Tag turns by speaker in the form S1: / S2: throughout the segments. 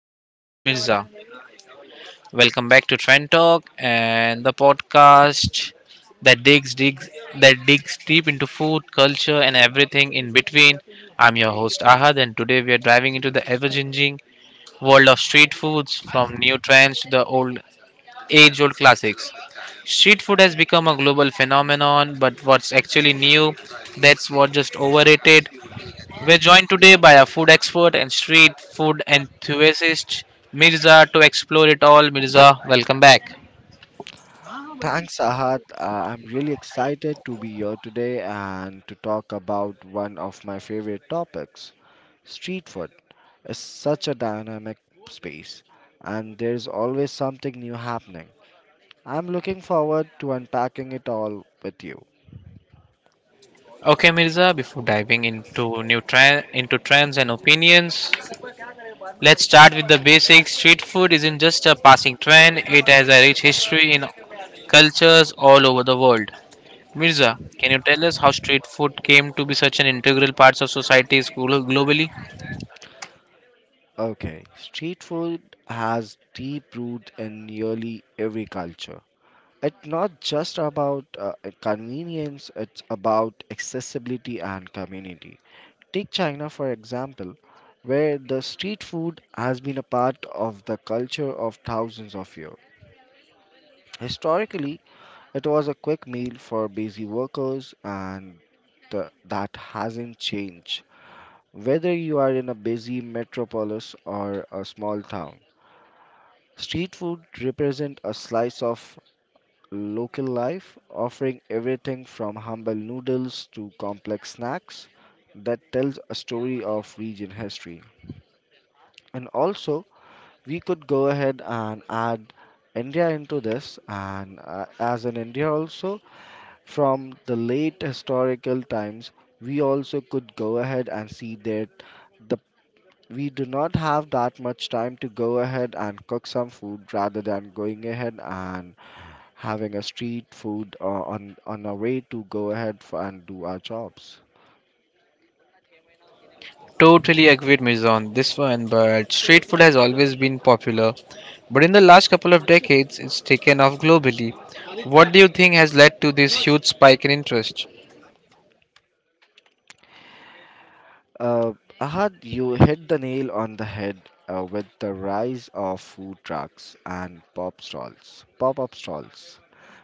S1: today is Mirza. Welcome back to Trend Talk and the podcast that digs digs that digs deep into food, culture, and everything in between. I'm your host Ahad, and today we are diving into the ever-changing world of street foods, from new trends to the old age old classics. Street food has become a global phenomenon, but what's actually new, that's what just overrated. We're joined today by a food expert and street food enthusiast, Mirza, to explore it all. Mirza, welcome back.
S2: Thanks, Ahad. I'm really excited to be here today and to talk about one of my favorite topics. Street food is such a dynamic space, and there's always something new happening. I'm looking forward to unpacking it all with you.
S1: Okay, Mirza, before diving into trends and opinions, let's start with the basics. Street food isn't just a passing trend, it has a rich history in cultures all over the world. Mirza, can you tell us how street food came to be such an integral part of societies globally?
S2: Okay, street food has deep root in nearly every culture. It's not just about convenience, it's about accessibility and community. Take China, for example, where the street food has been a part of the culture of thousands of years. Historically, it was a quick meal for busy workers, and that hasn't changed. Whether you are in a busy metropolis or a small town, street food represents a slice of local life, offering everything from humble noodles to complex snacks that tells a story of region history. And also, we could go ahead and add India into this, and as in India also, from the late historical times, we also could go ahead and see that the we do not have that much time to go ahead and cook some food rather than going ahead and having a street food on our way to go ahead for, and do our jobs.
S1: Totally agree with Mirza on this one, but street food has always been popular. But in the last couple of decades, it's taken off globally. What do you think has led to this huge spike in interest?
S2: Uh, Ahad, you hit the nail on the head with the rise of food trucks and pop-up stalls.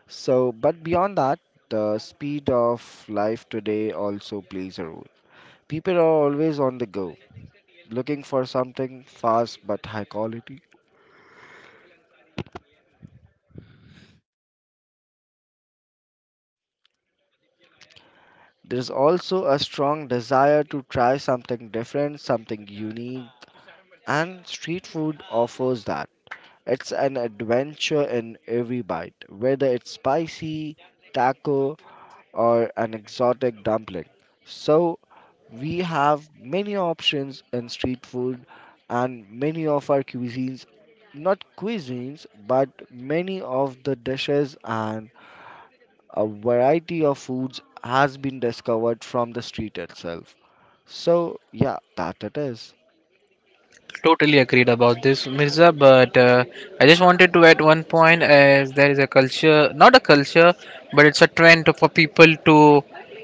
S2: So, but beyond that, the speed of life today also plays a role. People are always on the go, looking for something fast but high quality. There's also a strong desire to try something different, something unique, and street food offers that. It's an adventure in every bite, whether it's spicy, taco, or an exotic dumpling. So, we have many options in street food, and many of our cuisines, not cuisines, but many of the dishes and a variety of foods has been discovered from the street itself. So, yeah, that it is.
S1: Totally agreed about this, Mirza. But I just wanted to add one point as there is a culture, not a culture, but it's a trend for people to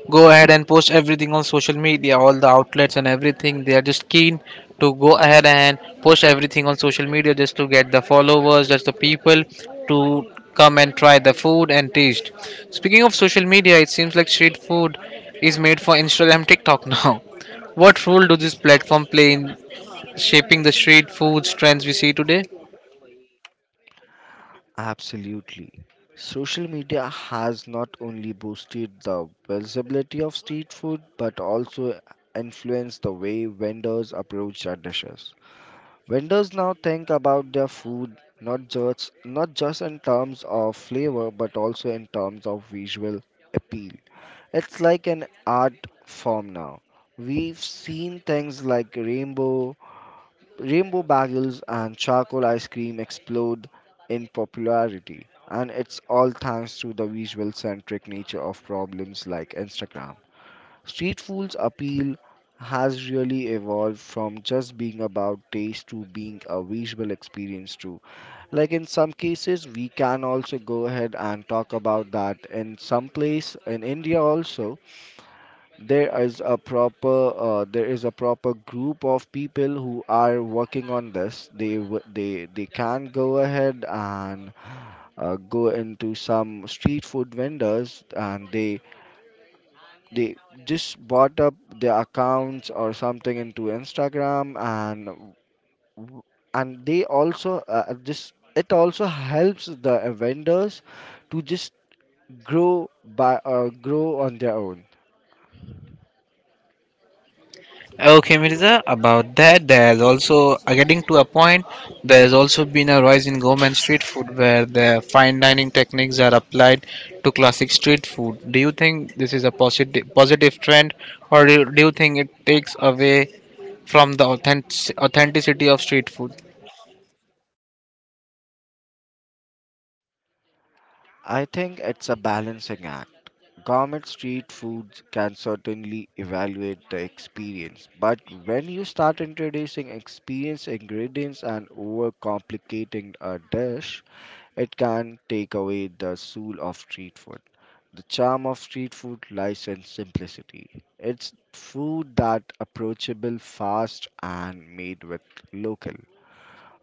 S1: go ahead and post everything on social media, all the outlets and everything. They are just keen to go ahead and post everything on social media just to get the followers, just the people to come and try the food and taste. Speaking of social media, it seems like street food is made for Instagram, TikTok now. What role do these platforms play in shaping the street food trends we see today?
S2: Absolutely. Social media has not only boosted the visibility of street food but also influenced the way vendors approach their dishes. Vendors now think about their food not just in terms of flavor but also in terms of visual appeal. It's like an art form now. We've seen things like Rainbow bagels and charcoal ice cream explode in popularity, and it's all thanks to the visual centric nature of problems like Instagram. Street food's appeal has really evolved from just being about taste to being a visual experience too. Like in some cases, we can also go ahead and talk about that in some place in India also there is a proper there is a proper group of people who are working on this they can go ahead and go into some street food vendors and they just bought up their accounts or something into Instagram and w- and they also just it also helps the vendors to just grow by grow on their own.
S1: Okay, Mirza, about that, getting to a point, there's also been a rise in gourmet street food where the fine dining techniques are applied to classic street food. Do you think this is a positive trend or do you think it takes away from the authenticity of street food?
S2: I think it's a balancing act. Gourmet street foods can certainly evaluate the experience, but when you start introducing experienced ingredients and overcomplicating a dish, it can take away the soul of street food. The charm of street food lies in simplicity. It's food that approachable, fast, and made with local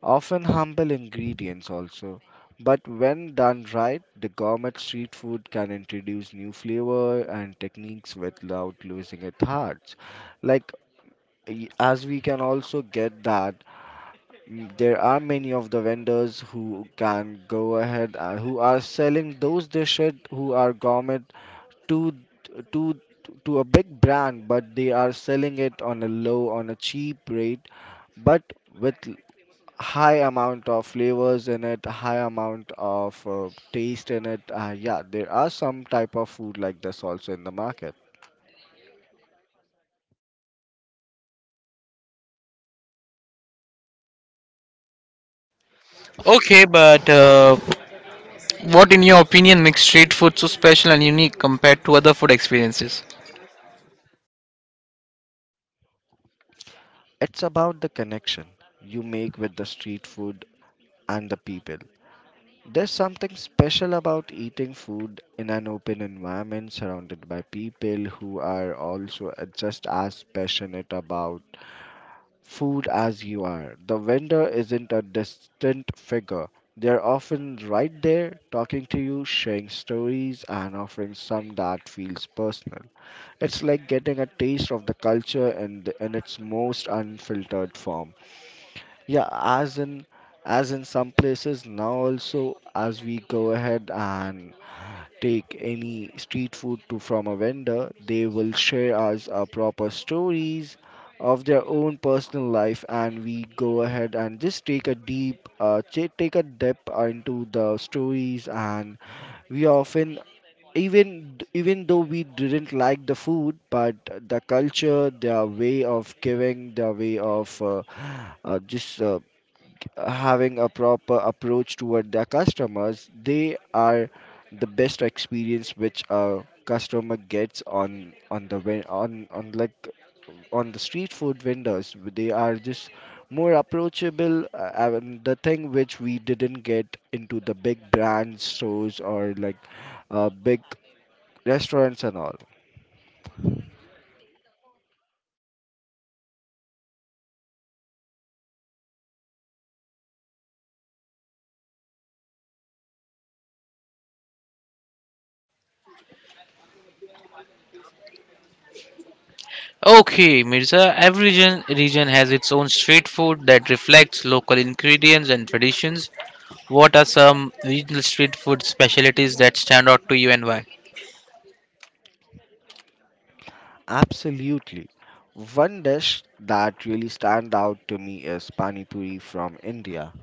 S2: often humble ingredients also. But when done right, the gourmet street food can introduce new flavor and techniques without losing its heart. Like as we can also get that there are many of the vendors who can go ahead and who are selling those dishes who are gourmet to to to a big brand, but they are selling it on a cheap rate, but with high amount of flavors in it, high amount of taste in it. Yeah, there are some type of food like this also in the market.
S1: Okay, but what in your opinion makes street food so special and unique compared to other food experiences?
S2: It's about the connection you make with the street food and the people. There's something special about eating food in an open environment surrounded by people who are also just as passionate about food as you are. The vendor isn't a distant figure. They're often right there talking to you, sharing stories, and offering some that feels personal. It's like getting a taste of the culture in, the, in its most unfiltered form. Yeah, as in some places now also as we go ahead and take any street food to from a vendor, they will share us proper stories of their own personal life, and we go ahead and just take a take a depth into the stories, and we often even though we didn't like the food, but the culture, their way of giving, their way of just having a proper approach toward their customers, they are the best experience which a customer gets on like on the street food vendors. They are just more approachable. And the thing which we didn't get into the big brand stores or like big restaurants and all.
S1: Okay, Mirza, every region has its own street food that reflects local ingredients and traditions. What are some regional street food specialties that stand out to you and why?
S2: Absolutely. One dish that really stand out to me is pani puri from India.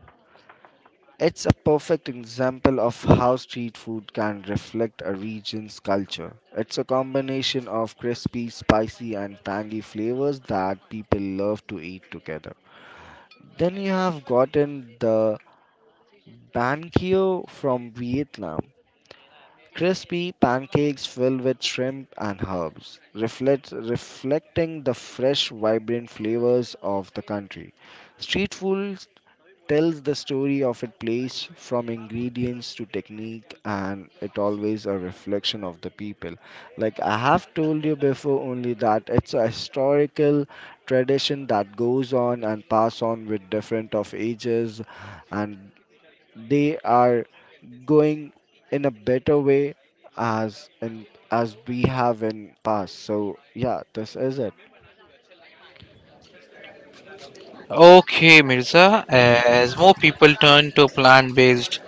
S2: It's a perfect example of how street food can reflect a region's culture. It's a combination of crispy, spicy, and tangy flavors that people love to eat together. Then you have gotten the bankio from Vietnam. Crispy pancakes filled with shrimp and herbs, reflecting the fresh, vibrant flavors of the country. Street food tells the story of a place from ingredients to technique and it always a reflection of the people, like I have told you before only that it's a historical tradition that goes on and pass on with different of ages and they are going in a better way as in as we have in past. So yeah, this is it.
S1: Okay, Mirza, as more people turn to plant based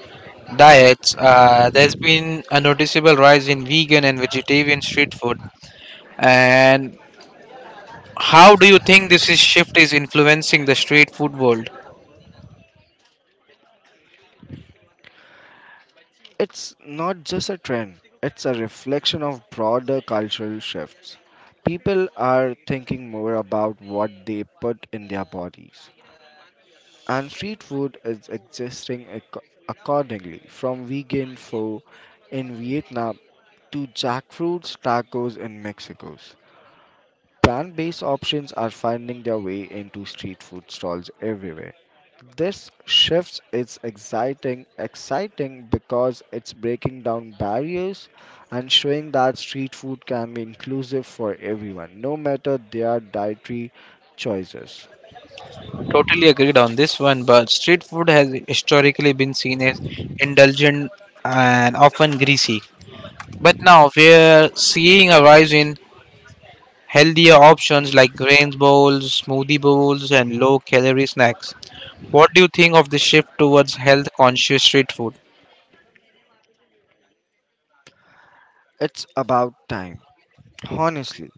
S1: diets, there's been a noticeable rise in vegan and vegetarian street food. And how do you think this is shift is influencing the street food world?
S2: It's not just a trend, it's a reflection of broader cultural shifts. People are thinking more about what they put in their bodies, and street food is existing accordingly, from vegan pho in Vietnam to jackfruits tacos in Mexico. Plant based options are finding their way into street food stalls everywhere. This shift is exciting because it's breaking down barriers and showing that street food can be inclusive for everyone, no matter their dietary choices.
S1: Totally agreed on this one, but street food has historically been seen as indulgent and often greasy. But now we're seeing a rise in healthier options like grains bowls, smoothie bowls, and low calorie snacks. What do you think of the shift towards health conscious street food?
S2: It's about time, honestly.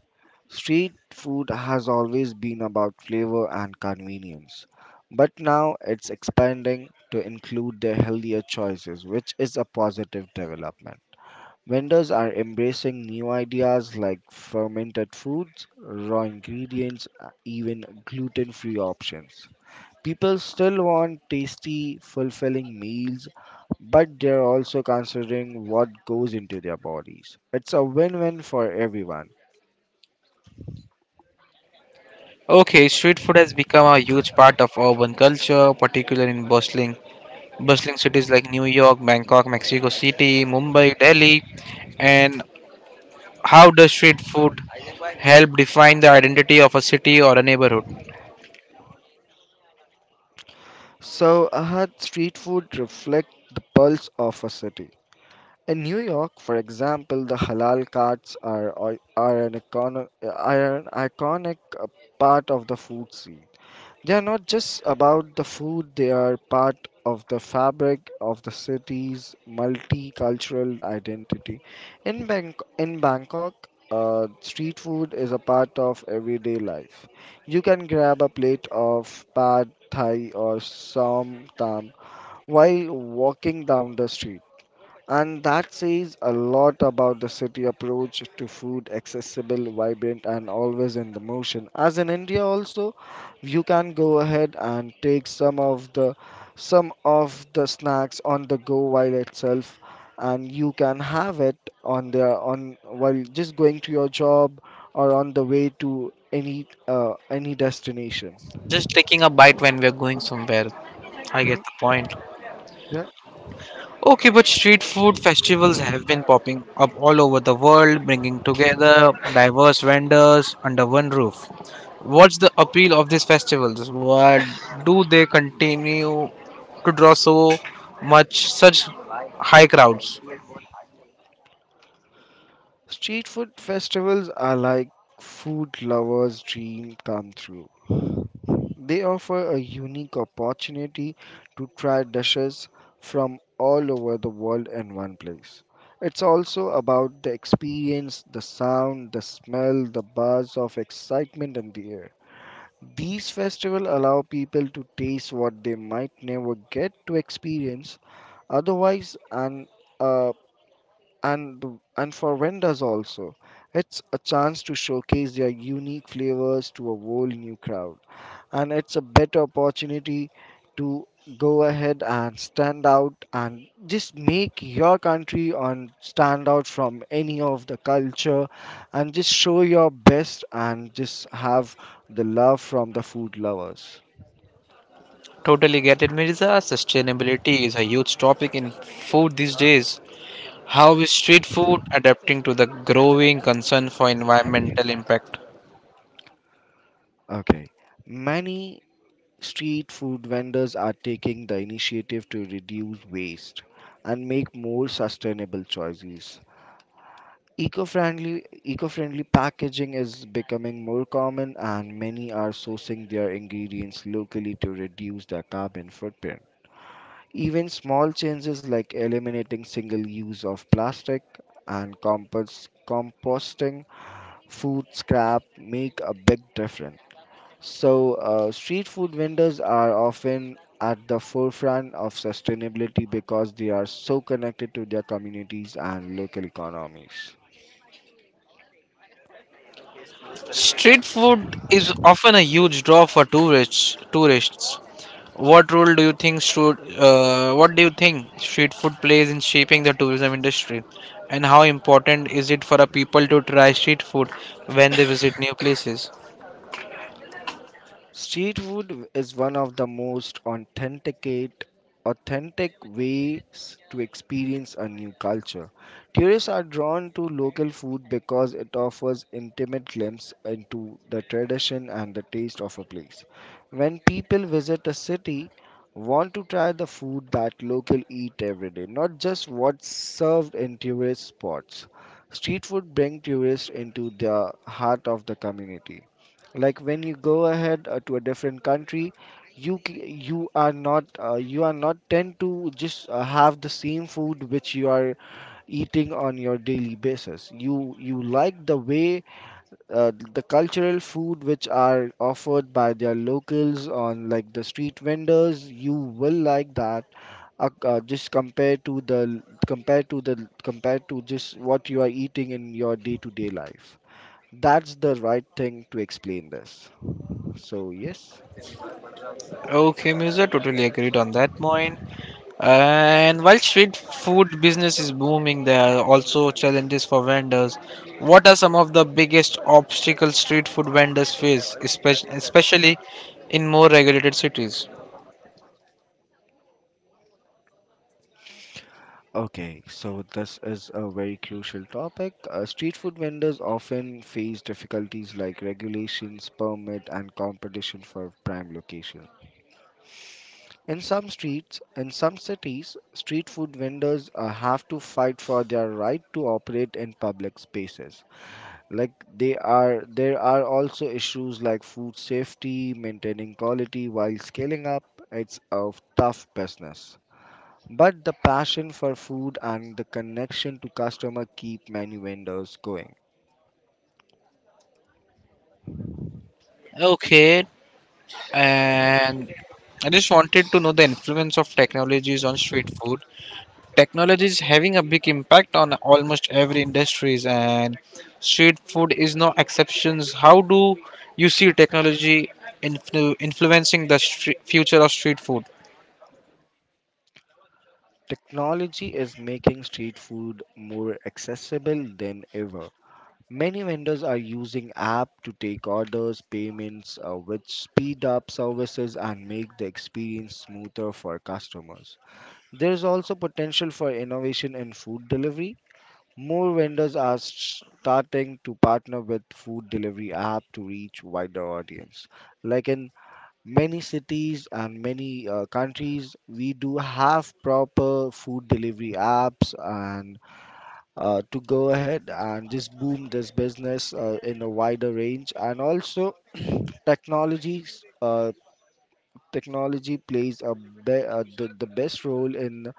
S2: Street food has always been about flavor and convenience, but now it's expanding to include the healthier choices, which is a positive development. Vendors are embracing new ideas like fermented foods, raw ingredients, even gluten free options. People still want tasty, fulfilling meals, but they're also considering what goes into their bodies. It's a win win for everyone.
S1: Okay, street food has become a huge part of urban culture, particularly in bustling cities like New York, Bangkok, Mexico City, Mumbai, Delhi. And how does street food help define the identity of a city or a neighborhood.
S2: So, Ahad, street food reflect the pulse of a city. In New York, for example, the halal carts are, an, icon, are an iconic part of the food scene. They are not just about the food, they are part of the fabric of the city's multicultural identity. In Bangkok, street food is a part of everyday life. You can grab a plate of pad thai or som tam while walking down the street. And that says a lot about the city approach to food, accessible, vibrant, and always in the motion. As in India, also, you can go ahead and take some of the snacks on the go while itself, and you can have it on the on while just going to your job or on the way to any destination.
S1: Just taking a bite when we're going somewhere. I
S2: Hmm.
S1: get the point.
S2: Yeah.
S1: Okay, but street food festivals have been popping up all over the world, bringing together diverse vendors under one roof. What's the appeal of these festivals? Why do they continue to draw so much such high crowds?
S2: Street food festivals are like food lovers dream come true. They offer a unique opportunity to try dishes from all over the world in one place. It's also about the experience, the sound, the smell, the buzz of excitement in the air. These festivals allow people to taste what they might never get to experience otherwise, and uh, for vendors also, it's a chance to showcase their unique flavors to a whole new crowd, and it's a better opportunity to go ahead and stand out and just make your country on stand out from any of the culture and just show your best and just have the love from the food lovers.
S1: Totally get it, Mirza. Sustainability is a huge topic in food these days. How is street food adapting to the growing concern for environmental impact?
S2: Okay, many street food vendors are taking the initiative to reduce waste and make more sustainable choices. Eco-friendly packaging is becoming more common and many are sourcing their ingredients locally to reduce their carbon footprint. Even small changes like eliminating single use of plastic and composting food scrap make a big difference. So, street food vendors are often at the forefront of sustainability because they are so connected to their communities and local economies.
S1: Street food is often a huge draw for tourists. Tourists, what do you think street food plays in shaping the tourism industry, and how important is it for a people to try street food when they visit new places?
S2: Street food is one of the most authentic ways to experience a new culture. Tourists are drawn to local food because it offers intimate glimpse into the tradition and the taste of a place. When people visit a city, want to try the food that local eat every day, not just what's served in tourist spots. Street food bring tourists into the heart of the community, like when you go ahead to a different country, you are not tend to just have the same food which you are eating on your daily basis. You like the way the cultural food which are offered by their locals on like the street vendors, you will like that, just compared to the compared to the compared to just what you are eating in your day to day life. That's the right thing to explain this, so, yes.
S1: Okay, Musa, totally agreed on that point. And while street food business is booming, there are also challenges for vendors. What are some of the biggest obstacles street food vendors face, especially in more regulated cities?
S2: Okay, so this is a very crucial topic. Street food vendors often face difficulties like regulations, permit, and competition for prime location. In some cities, street food vendors have to fight for their right to operate in public spaces. There are also issues like food safety, maintaining quality while scaling up. It's a tough business. But the passion for food and the connection to customer keep many vendors going.
S1: Okay, and I just wanted to know the influence of technologies on street food. Technology is having a big impact on almost every industries, and street food is no exceptions. How do you see technology influencing the future of street food?
S2: Technology is making street food more accessible than ever. Many vendors are using app to take orders, payments, which speed up services and make the experience smoother for customers. There is also potential for innovation in food delivery. More vendors are starting to partner with food delivery app to reach wider audience, like in many cities and many countries we do have proper food delivery apps, and to go ahead and just boom this business in a wider range. And also technologies technology plays a the best role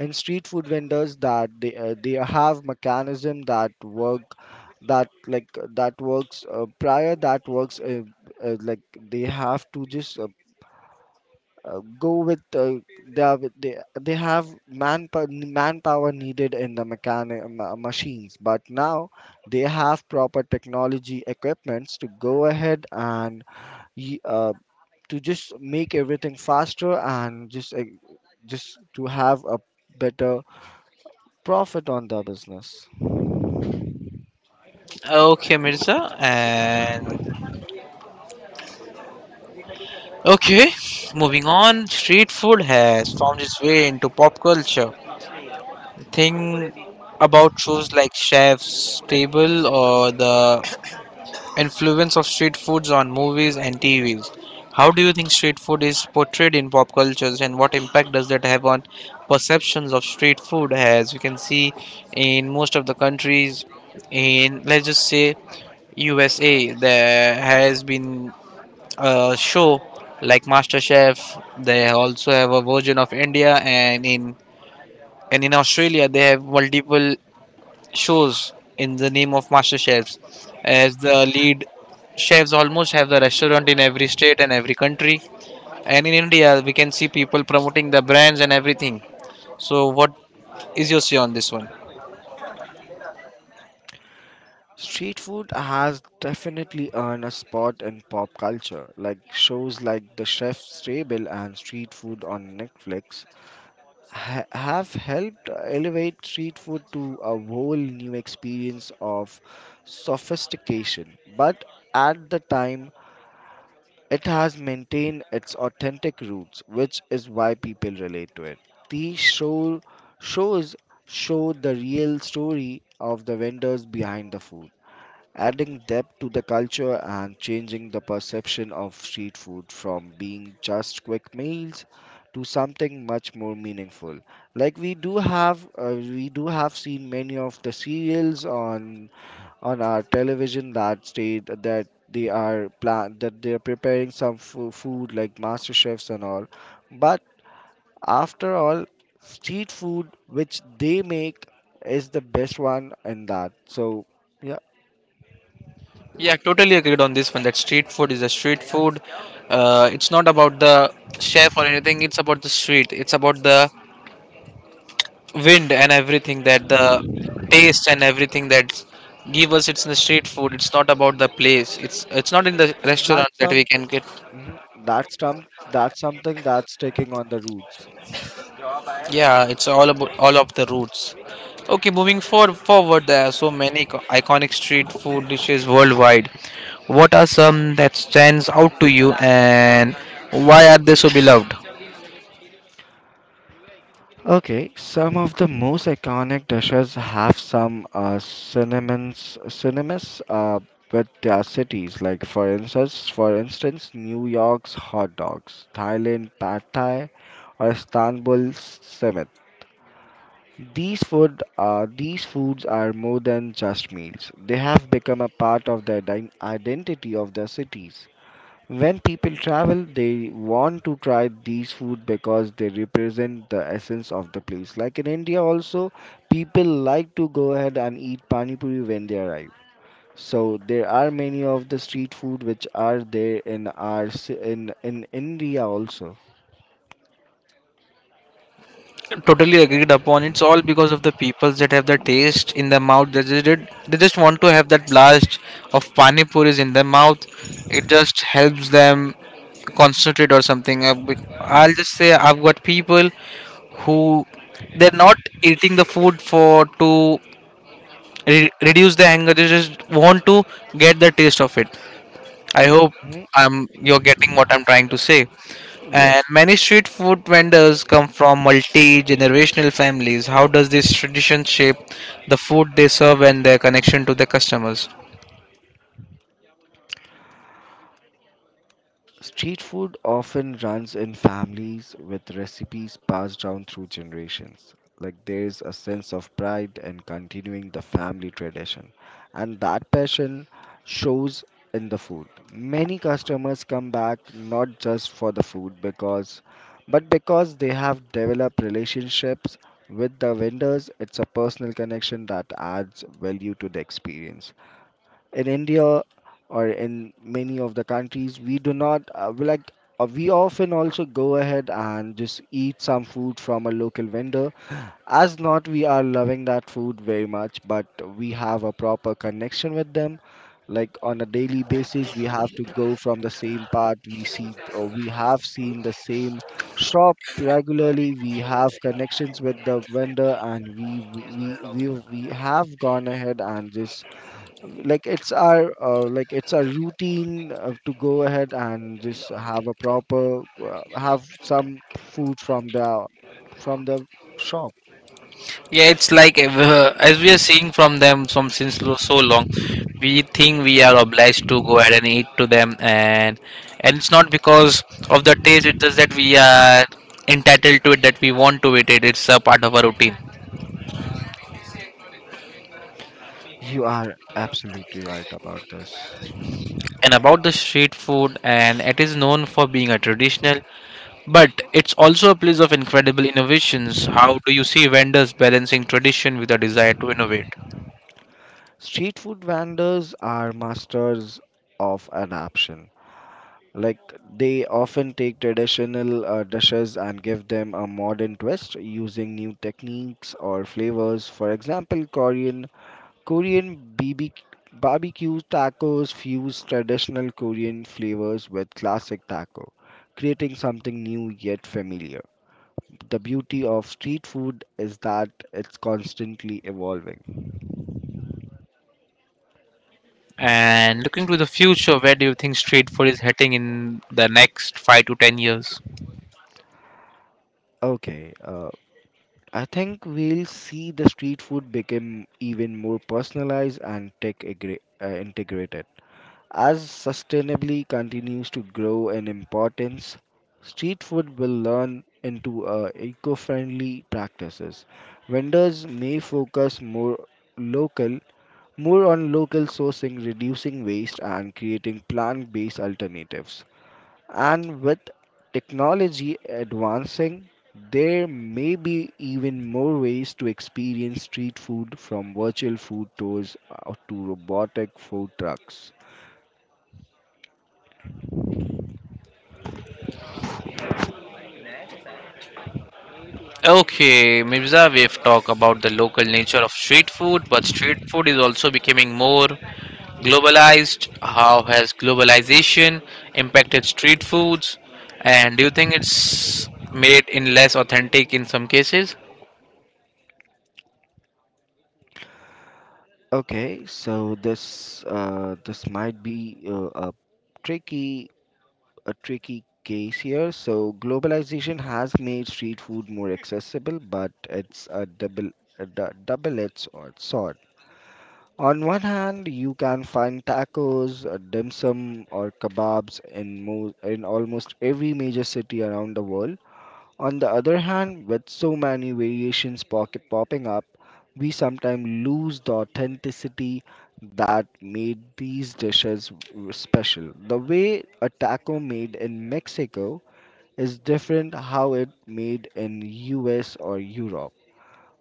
S2: in street food vendors, that they have mechanism that work, that works prior, that works like they have to just go with they have manpower, manpower needed in the machines, but now they have proper technology equipments to go ahead and y- uh, to just make everything faster and just to have a better profit on the business.
S1: Okay, Mirza. And okay, moving on. Street food has found its way into pop culture. Think about shows like Chef's Table or the influence of street foods on movies and TVs. How do you think street food is portrayed in pop cultures, and what impact does that have on perceptions of street food? As we can see in most of the countries, in let's just say USA, there has been show like MasterChef. They also have a version of India, and in Australia they have multiple shows in the name of MasterChefs. As the lead chefs almost have the restaurant in every state and every country. And in India, we can see people promoting the brands and everything. So, what is your say on this one?
S2: Street food has definitely earned a spot in pop culture, like shows like The Chef's Table and Street Food on Netflix have helped elevate street food to a whole new experience of sophistication. But at the time, it has maintained its authentic roots, which is why people relate to it. These show, Shows show the real story of the vendors behind the food, adding depth to the culture and changing the perception of street food from being just quick meals to something much more meaningful. Like we do have seen many of the serials on our television that state that they are plan that they are preparing some food like master chefs and all. But after all, street food which they make is the best one in that, so yeah.
S1: Yeah, totally agreed on this one. That street food is a street food. It's not about the chef or anything. It's about the street. It's about the wind and everything that the taste and everything that give us it's in the street food it's not about the place it's not in the restaurant
S2: that's
S1: that
S2: some
S1: we can get.
S2: hmm That's some, that's something that's taking on the roots.
S1: Yeah, it's all about all of the roots. Okay, moving forward, there are so many iconic street food dishes worldwide. What are some that stands out to you and why are they so beloved?
S2: Okay, some of the most iconic dishes have some synonyms, with their cities. Like for instance, New York's hot dogs, Thailand pad thai, or Istanbul's simit. These foods are more than just meals. They have become a part of the identity of their cities. When people travel, they want to try these food because they represent the essence of the place. Like in India, also, people like to go ahead and eat pani puri when they arrive. So there are many of the street food which are there in in India also.
S1: Totally agreed upon it's all because of the peoples that have the taste in their mouth. They just want to have that blast of pani puris in their mouth. It just helps them concentrate or something. I'll just say I've got people who they're not eating the food for to reduce the anger. They just want to get the taste of it. I hope
S2: Mhm.
S1: I'm, you're getting what I'm trying to say. And
S2: Yes.
S1: many street food vendors come from multi generational families. How does this tradition shape the food they serve and their connection to their customers?
S2: Street food often runs in families with recipes passed down through generations. Like there's a sense of pride in continuing the family tradition, and that passion shows in the food. Many customers come back not just for the food because but because they have developed relationships with the vendors. It's a personal connection that adds value to the experience. In India or in many of the countries, we do not we often also go ahead and just eat some food from a local vendor. As not, we are loving that food very much, but we have a proper connection with them. Like on a daily basis, we have to go from the same part. We see, or we have seen the same shop regularly. We have connections with the vendor, and we have gone ahead and just like it's our routine to go ahead and just have a proper have some food from the shop.
S1: Yeah, it's like as we are seeing from them from since so long, we think we are
S2: Mhm.
S1: obliged to go ahead and eat to them, and it's not because of the taste. It's just that we are entitled to it that we want to eat it. It's a part of our routine.
S2: You are absolutely right about this.
S1: And about the street food, and it is known for being a traditional. But it's also a place of incredible innovations. How do you see vendors balancing tradition with a desire to innovate?
S2: Street food vendors are masters of adaptation, like they often take traditional dishes and give them a modern twist using new techniques or flavors. For example, Korean BB barbecue tacos fuse traditional Korean flavors with classic taco, creating something new yet familiar. The beauty of street food is that it's constantly evolving.
S1: And looking to the future, where do you think street food is heading in the next 5 to 10 years?
S2: Okay, uh, I think we'll see the street food become even more personalized and integrated. As sustainably continues to grow in importance, street food will learn into eco-friendly practices. Vendors may focus more local, more on local sourcing, reducing waste, and creating plant-based alternatives. And with technology advancing, there may be even more ways to experience street food, from virtual food tours to robotic food trucks.
S1: Okay, Mirza, we've talked about the local nature of street food, but street food is also becoming more globalized. How has globalization impacted street foods? And do you think it's made in less authentic in some cases?
S2: Okay, so this might be tricky a tricky case here. So globalization has made street food more accessible, but it's a double a double-edged sword. On one hand, you can find tacos, dim sum, or kebabs in mo in almost every major city around the world. On the other hand, with so many variations pocket popping up, we sometimes lose the authenticity that made these dishes special. The way a taco made in Mexico is different how it made in US or Europe.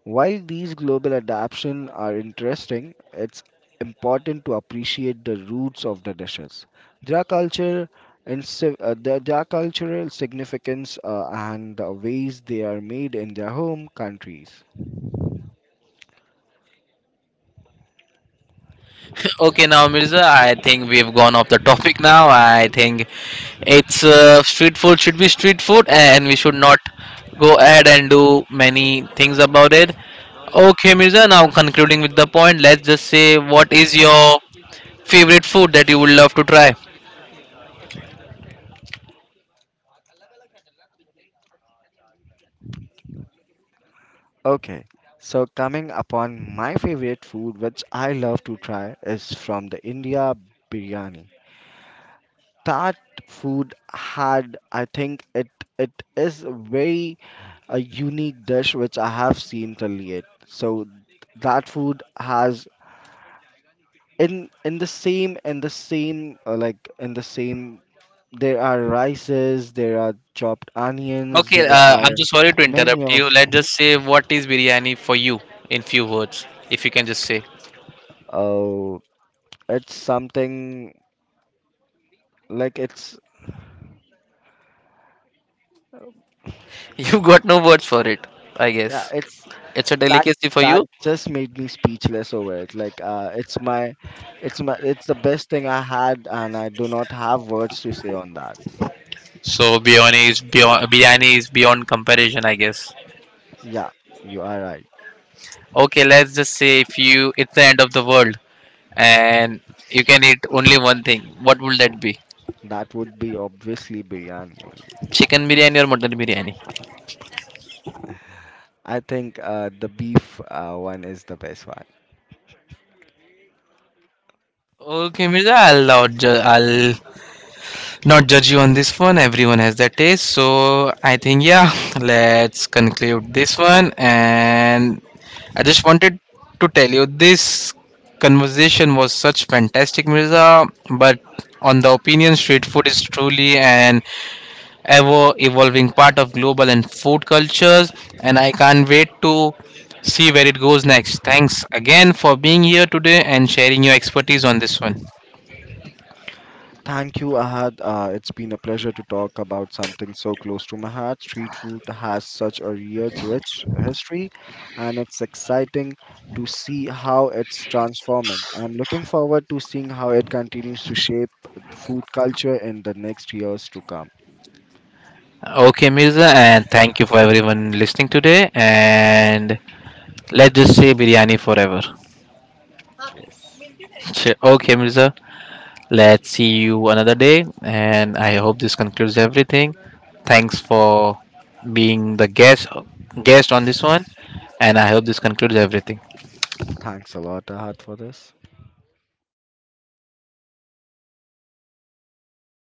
S2: While these global adaptations are interesting, it's important to appreciate the roots of the dishes. Their culture and their cultural significance and the ways they are made in their home countries.
S1: Okay, now Mirza, I think we've gone off the topic now. I think it's street food should be street food, and we should not go ahead and do many things about it. Okay, Mirza, now concluding with the point, let's just say what is your favorite food that you would love to try?
S2: Okay, so coming upon my favorite food, which I love to try, is from the India, biryani. That food had, I think, it is very a unique dish which I have seen till yet. So that food has in in the same like in the same, there are rices, there are chopped onions,
S1: Okay,
S2: there
S1: I'm
S2: are
S1: so sorry to
S2: many
S1: interrupt
S2: of,
S1: you. Let's
S2: Mhm.
S1: just say what is biryani for you in few words, if you can just say.
S2: Oh, it's something, like it's
S1: You've got no words for it, I
S2: yeah,
S1: guess.
S2: it's
S1: It's a
S2: that
S1: delicacy for
S2: that
S1: you.
S2: just made me speechless over it. Like it's my, it's my, it's the best thing I had and I do not have words to say on that.
S1: So biryani is beyond, biryani is beyond comparison, I guess.
S2: Yeah, you are right.
S1: Okay, let's just say if you it's the end of the world and you can eat only one thing, what will that be?
S2: That would be obviously biryani only.
S1: Chicken biryani or mutton biryani?
S2: I think the beef one is the best one.
S1: Okay, Mirza, I'll not judge you on this one. Everyone has their taste. So I think, yeah, let's conclude this one. And I just wanted to tell you this conversation was such fantastic, Mirza. But on the opinion, street food is truly an ever evolving part of global and food cultures. And I can't wait to see where it goes next. Thanks again for being here today and sharing your expertise on this one.
S2: Thank you, Ahad. It's been a pleasure to talk about something so close to my heart. Street food has such a rich history, and it's exciting to see how it's transforming. I'm looking forward to seeing how it continues to shape food culture in the next years to come.
S1: Okay, Mirza, and thank you for everyone listening today. And let's just say biryani forever.
S2: Yes.
S1: Okay, Mirza, let's see you another day. And I hope this concludes everything. Thanks for being the guest on this one. And I hope this concludes everything.
S2: Thanks a lot, Ahad, for this.